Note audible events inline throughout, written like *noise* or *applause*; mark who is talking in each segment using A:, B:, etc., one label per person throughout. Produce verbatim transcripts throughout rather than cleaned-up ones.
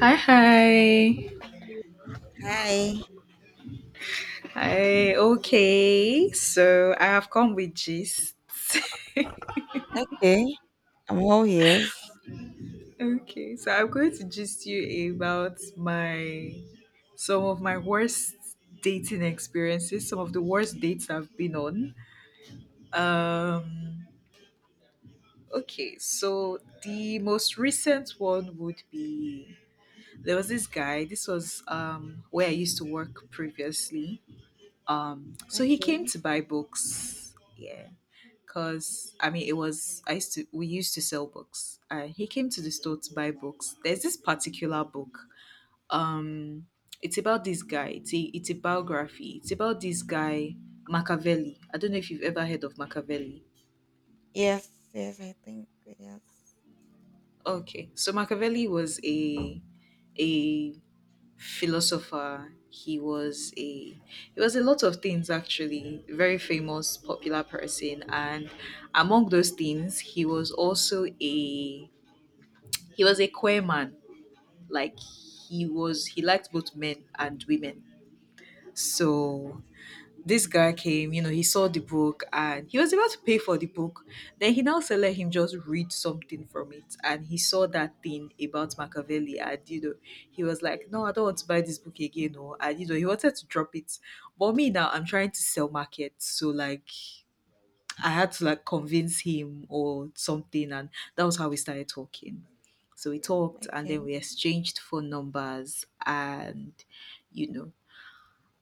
A: Hi, hi.
B: Hi.
A: Hi, okay. So I have come with gist.
B: Okay. I'm all ears.
A: *laughs* Okay, so I'm going to gist you about my some of my worst dating experiences, some of the worst dates I've been on. Um okay, so the most recent one would be there was this guy, this was um where I used to work previously. Um so he came
B: Okay.
A: to buy books, yeah, because I mean it was I used to we used to sell books. Uh, he came to the store to buy books. There's this particular book um it's about this guy, it's a, it's a biography. It's about this guy Machiavelli. I don't know if you've ever heard of Machiavelli.
B: Yes. Yes. I think yes.
A: Okay, so Machiavelli was a a philosopher. He was a he was a lot of things actually, very famous, popular person. And among those things he was also a he was a queer man. Like he was, he liked both men and women. So this guy came, you know, he saw the book and he was about to pay for the book. Then he now said, let him just read something from it. And he saw that thing about Machiavelli. And, you know, he was like, no, I don't want to buy this book again. No. And, you know, he wanted to drop it. But me now, I'm trying to sell market. So, like, I had to, like, convince him or something. And that was how we started talking. So we talked and
B: Okay.
A: then we exchanged phone numbers and, you know,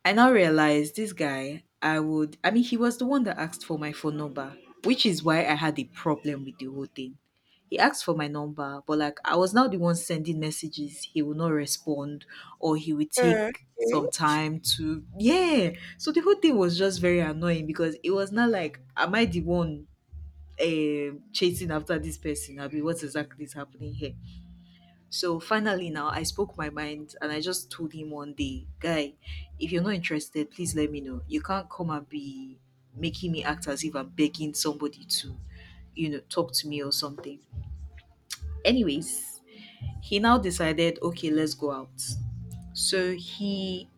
A: I now realized this guy, I would, I mean, he was the one that asked for my phone number, which is why I had a problem with the whole thing. He asked for my number, but like I was now the one sending messages. He will not respond or he will
B: Sure.
A: take
B: Okay.
A: some time to, yeah. So the whole thing was just very annoying because it was not like, am I the one um chasing after this person? I mean, what exactly is happening here? So finally, now I spoke my mind and I just told him one day, Guy, if you're not interested, please let me know. You can't come and be making me act as if I'm begging somebody to, you know, talk to me or something. Anyways, he now decided, okay, let's go out. So he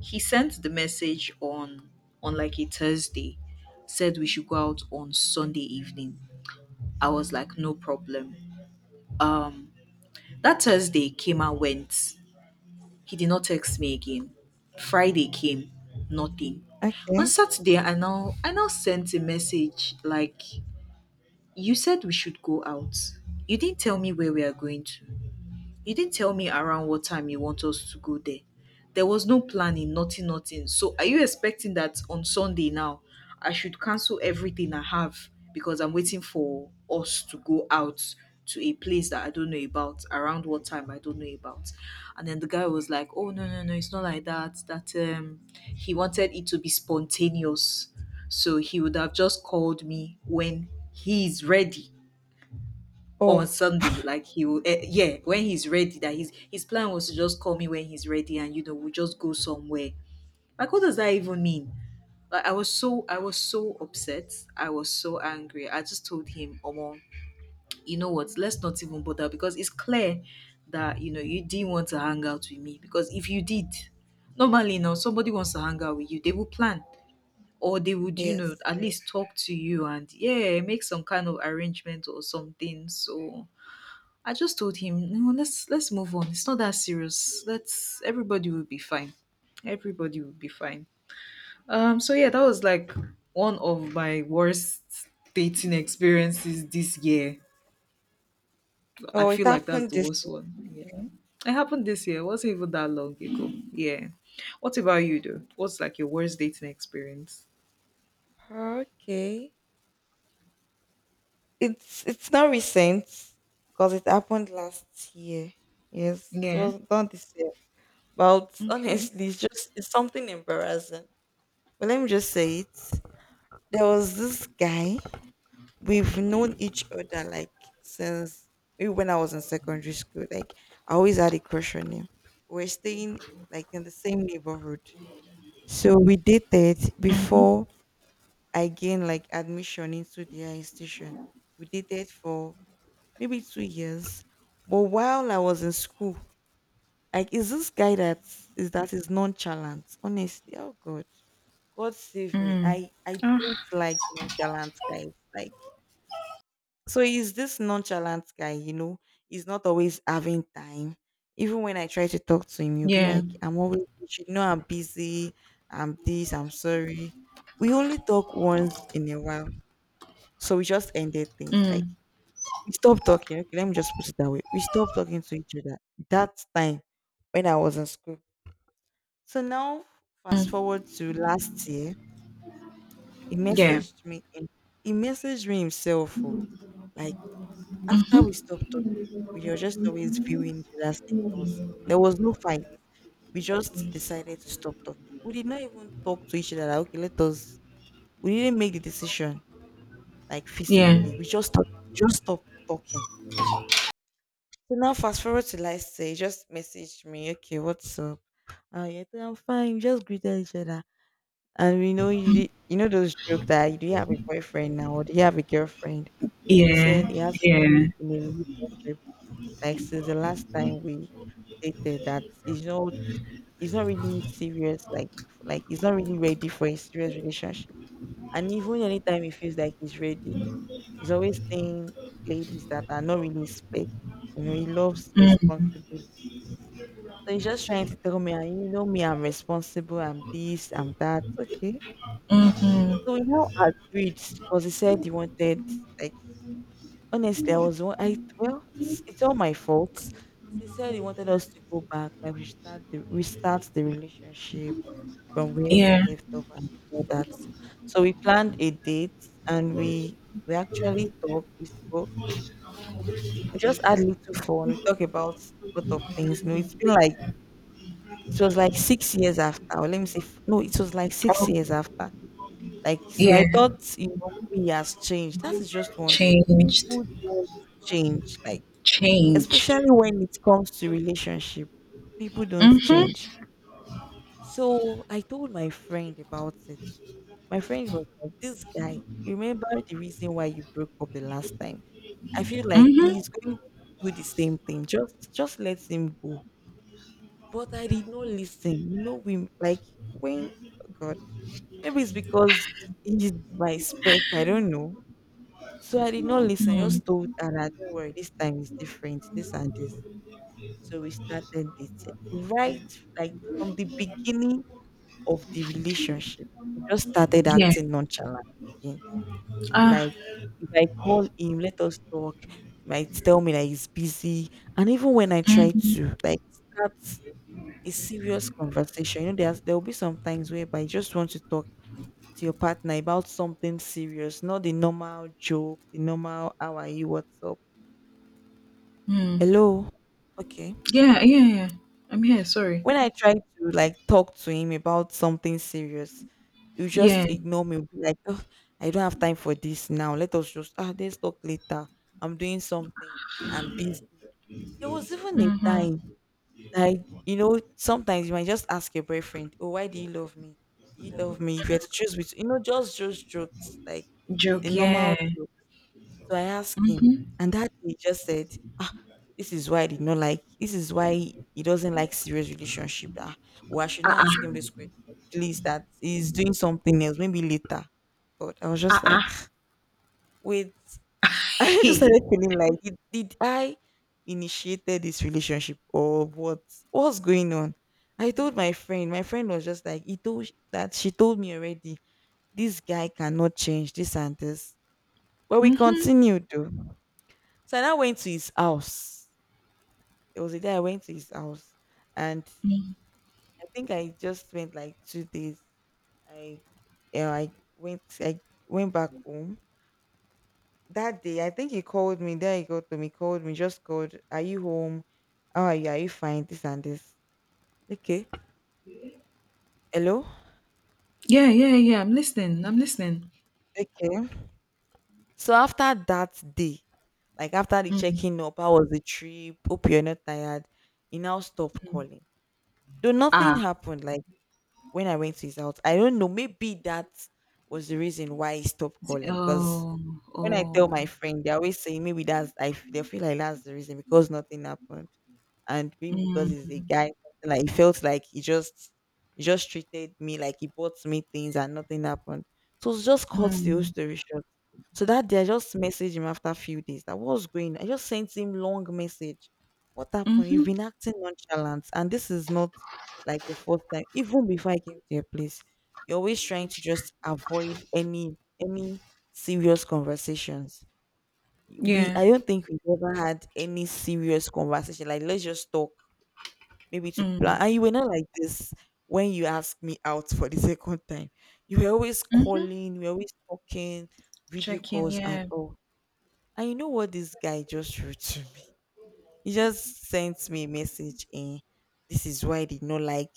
A: he sent the message on on like a Thursday, said we should go out on Sunday evening. I was like, no problem. Um, that Thursday came and went. He did not text me again. Friday came, nothing. On
B: Okay.
A: Saturday, I now I now sent a message like, "You said we should go out. You didn't tell me where we are going to." You didn't tell me around what time you want us to go there. There was no planning, nothing, nothing. So are you expecting that on Sunday now I should cancel everything I have because I'm waiting for us to go out to a place that I don't know about around what time I don't know about. And then the guy was like, "Oh no, no, no, it's not like that. That um he wanted it to be spontaneous. So he would have just called me when he's ready." On
B: Oh.
A: Sunday. Like he will, eh, yeah, when he's ready. That his his plan was to just call me when he's ready, and you know we just go somewhere. Like what does that even mean? Like I was so I was so upset. I was so angry. I just told him, Omo, you know what? Let's not even bother because it's clear that you know you didn't want to hang out with me because if you did, normally now somebody wants to hang out with you, they will plan or they would you know
B: Yes.
A: at
B: yes.
A: least talk to you and yeah make some kind of arrangement or something. So I just told him, no, let's let's move on. It's not that serious. Let's everybody will be fine. Everybody will be fine. Um so yeah, that was like one of my worst dating experiences this year. I
B: Oh, it
A: feel like that's
B: happened
A: the
B: this
A: worst
B: year.
A: one. Yeah. It happened this year. It wasn't even that long ago. Yeah. What about you though? What's like your worst dating experience?
B: Okay. It's it's not recent because it happened last year. Yes. It
A: Yeah.
B: was done this year. But
A: Okay.
B: honestly, it's just, it's something embarrassing. But let me just say it. There was this guy we've known each other, like, since even when I was in secondary school. Like, I always had a crush on him. We're staying like in the same neighborhood. So we dated before I gained like admission into the institution. We dated for maybe two years. But while I was in school, like, is this guy that is that is nonchalant? Honestly, oh God. God save me.
A: Mm-hmm.
B: I I don't
A: Ah.
B: like nonchalant guys. Like, so he's this nonchalant guy, you know. He's not always having time. Even when I try to talk to him, he'll be
A: Yeah.
B: like, I'm always, you should know I'm busy. I'm this, I'm sorry. We only talk once in a while. So we just ended things. Like,
A: Mm.
B: we stopped talking. Okay, let me just put it that way. We stopped talking to each other that time when I was in school. So now, fast forward to last year, he
A: Yeah.
B: messaged me. In, he messaged me himself. Oh, like, after we
A: Mm-hmm.
B: stopped talking, we were just always viewing each other's status. There was no fight. We just decided to stop talking. We did not even talk to each other. Like, okay, let us. We didn't make the decision like
A: Yeah.
B: physically. We just stopped, just stopped talking. So now, fast forward to last day, he just messaged me. Okay, what's up? Oh yeah, I'm fine. We just greeted each other, and we know you. di- You know those joke that, do you have a boyfriend now or do you have a girlfriend? So he said
A: Yeah.
B: he has been in a relationship like since the last time we dated, that he's not He's not really serious, like like he's not really ready for a serious relationship. And even anytime he feels like he's ready, he's always saying ladies that are not really spec. You know, he loves
A: Yeah.
B: responsible. So he's just trying to tell me, "Ah, you know me, I'm responsible, I'm this, I'm that." Okay. So we
A: Mhm.
B: now agreed because he said he wanted, like, honestly, I was one, I well, it's it's all my fault. So he said he wanted us to go back, like we start the restart the relationship from where we
A: Yeah.
B: left off and all that. So we planned a date and we we actually talked. We spoke. We just had little fun. We talked about a lot of things. You know, it's been like it was like six years after. Or let me see. No, it was like
A: Oh,
B: six years after. Like, so, I
A: yeah.
B: thought, you know maybe he has changed. That is just one thing.
A: Changed.
B: People don't change. Like,
A: Change.
B: especially when it comes to relationship, people don't
A: Mhm.
B: change. So I told my friend about it. My friend was like, this guy, you remember the reason why you broke up the last time? I feel like
A: Mhm.
B: he's going to do the same thing. Just just let him go. But I did not listen. You know, we like when, oh God, maybe it's because he's my spec, I don't know. So I did not listen. I
A: Mm.
B: just told her that don't worry, this time is different, this and this. So we started dating. Right, like from the beginning of the relationship, he just started
A: Yeah.
B: acting nonchalant again.
A: Ah.
B: Like, if I call him, let us talk, he might tell me that he's busy. And even when I try
A: Mhm.
B: to like start a serious conversation, you know, there's there will be some times whereby you just want to talk to your partner about something serious, not the normal joke, the normal how are you, what's up.
A: Mm.
B: Hello. Okay.
A: Yeah. Yeah. Yeah. I'm here. Sorry.
B: When I try to like talk to him about something serious, you
A: Yeah.
B: just ignore me. Be like, oh, I don't have time for this now. Let us just ah, let's talk later. I'm doing something. I'm busy. There was even a time, like, you know sometimes you might just ask your boyfriend, oh, why do you love me? Do you love me? If you had to choose between, you know, just just jokes, like the
A: Joke. Yeah.
B: normal. So I asked him, and that day he just said, "Ah, this is why I did not like. This is why he doesn't like serious relationship. Ah, well, I should
A: Ah.
B: not ask
A: Ah.
B: him this question. Please, that he's doing something else. Maybe later." God, I was
A: Ah.
B: just
A: Ah.
B: like, *laughs* wait. *laughs* I just
A: Hey.
B: started feeling like, did, did I initiated this relationship or what? What's going on? I told my friend. My friend was just like, he told sh- that she told me already. This guy cannot change this and this. But we
A: Mhm. *laughs*
B: continued though. So I now went to his house. It was a day I went to his house, and I think I just spent like two days. I, you know, I went, I went back home that day. I think he called me. There he got to me, called me, just called. Are you home? How are you? Are you fine? This and this. Okay. Hello.
A: Yeah. Yeah. Yeah. I'm listening. I'm listening.
B: Okay. So after that day, like after the
A: Mm.
B: checking up, how was the trip? Hope you're not tired. He now stopped calling. Though nothing
A: Ah.
B: happened, like when I went to his house, I don't know. Maybe that was the reason why he stopped calling, because
A: Oh.
B: when I tell
A: Oh.
B: my friend, they always say maybe that's I f- they feel like that's the reason, because nothing happened, and maybe because
A: Mm.
B: he's a guy, like he felt like he just he just treated me like he bought me things and nothing happened. So it's just cut the whole
A: Mm.
B: story short. So that day I just messaged him after a few days, that what's going. I just sent him long message. What happened? You've been acting nonchalant, and this is not like your first time. Even before I came to your place, you're always trying to just avoid any any serious conversations. We
A: Yeah.
B: I don't think we've ever had any serious conversation. Like, let's just talk, maybe to
A: Mm.
B: plan. And you were not like this when you asked me out for the *laughs* second time. You were always calling, you were always talking, video
A: Checking.
B: calls and
A: Yeah.
B: all. And you know what this guy just wrote to me? He just sent me a message, and, "This is why I did not like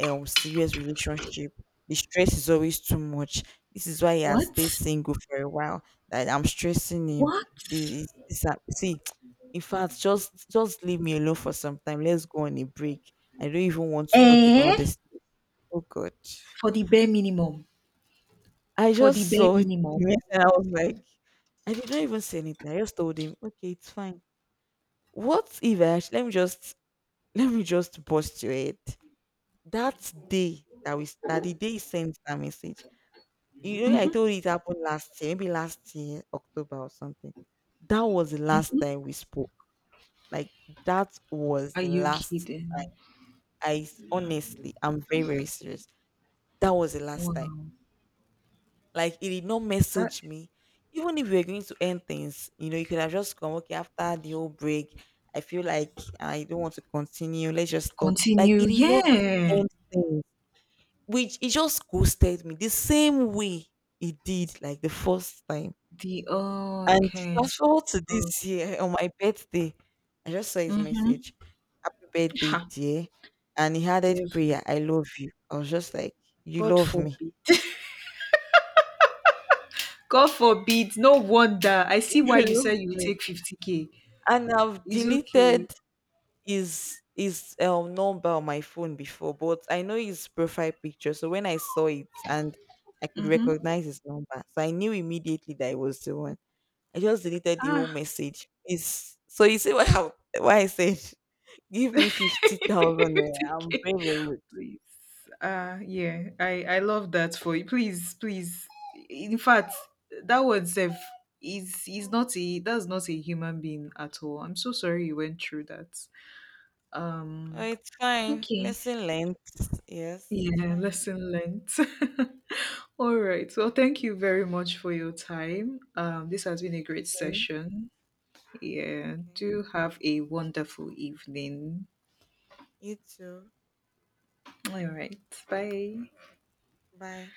B: um serious relationship. The stress is always too much. This is why he has stayed
A: What?
B: single for a while. That I'm stressing him.
A: What?
B: This is this hap- see *tsk* In fact, just just leave me alone for some time. Let's go on a break. I don't even want to talk about
A: Eh?
B: this. Oh God.
A: For the bare minimum.
B: I
A: For the
B: just
A: bare
B: saw the
A: minimum.
B: message and I was like, I did not even say anything. I just told him, okay, it's fine. What if I actually, let me just let me just bust your head. That day that we that the day he sent that message, you know, I
A: Mhm.
B: told you it happened last year, maybe last year, October or something. That was the last time we spoke. Like, that was
A: Are
B: the
A: you
B: last time.
A: kidding?
B: I s- honestly, I'm very, very serious. That was the last time.
A: Wow.
B: Like, he did not
A: That
B: message me. Even if we were going to end things, you know, you could have just come, okay, after the whole break, I feel like I don't want to continue. Let's just stop. Like,
A: continue.
B: he did not
A: Yeah.
B: end things, which he just ghosted me the same way he did like the first time.
A: The oh,
B: And
A: okay.
B: fast forward to this
A: Okay.
B: year *laughs* on my birthday, I just saw his
A: Mhm.
B: message. Happy birthday,
A: Ha,
B: dear. And he added
A: devil.
B: prayer, I love you. I was just like, you
A: God
B: love me.
A: forbid.
B: *laughs*
A: *laughs* God forbid. No wonder. I see
B: You
A: why you said
B: love
A: you will
B: me.
A: take fifty k.
B: And I've
A: It's okay.
B: deleted his his um number on my phone before, but I know his profile picture. So when I saw it and I could
A: Mm-hmm.
B: recognize his number, so I knew immediately that it was the one. I just deleted the whole
A: Ah,
B: message. It's, so you see why I, why I said *laughs* give me fifty thousand
A: *laughs*
B: naira. I'm
A: fifty k.
B: very, very rich.
A: Please. Uh yeah, I I love that for you. Please, please. In fact, that word self is is not a that's not a human being at all. I'm so sorry you went through that.
B: Oh,
A: Um
B: it's fine.
A: Okay.
B: Lesson learned. Yes, it's
A: Yeah,
B: fine.
A: lesson learned. *laughs* All right. Well, thank you very much for your time. Um this has been a great
B: Okay.
A: session. Yeah.
B: Okay.
A: Do have a wonderful evening.
B: You too.
A: All right. Bye.
B: Bye.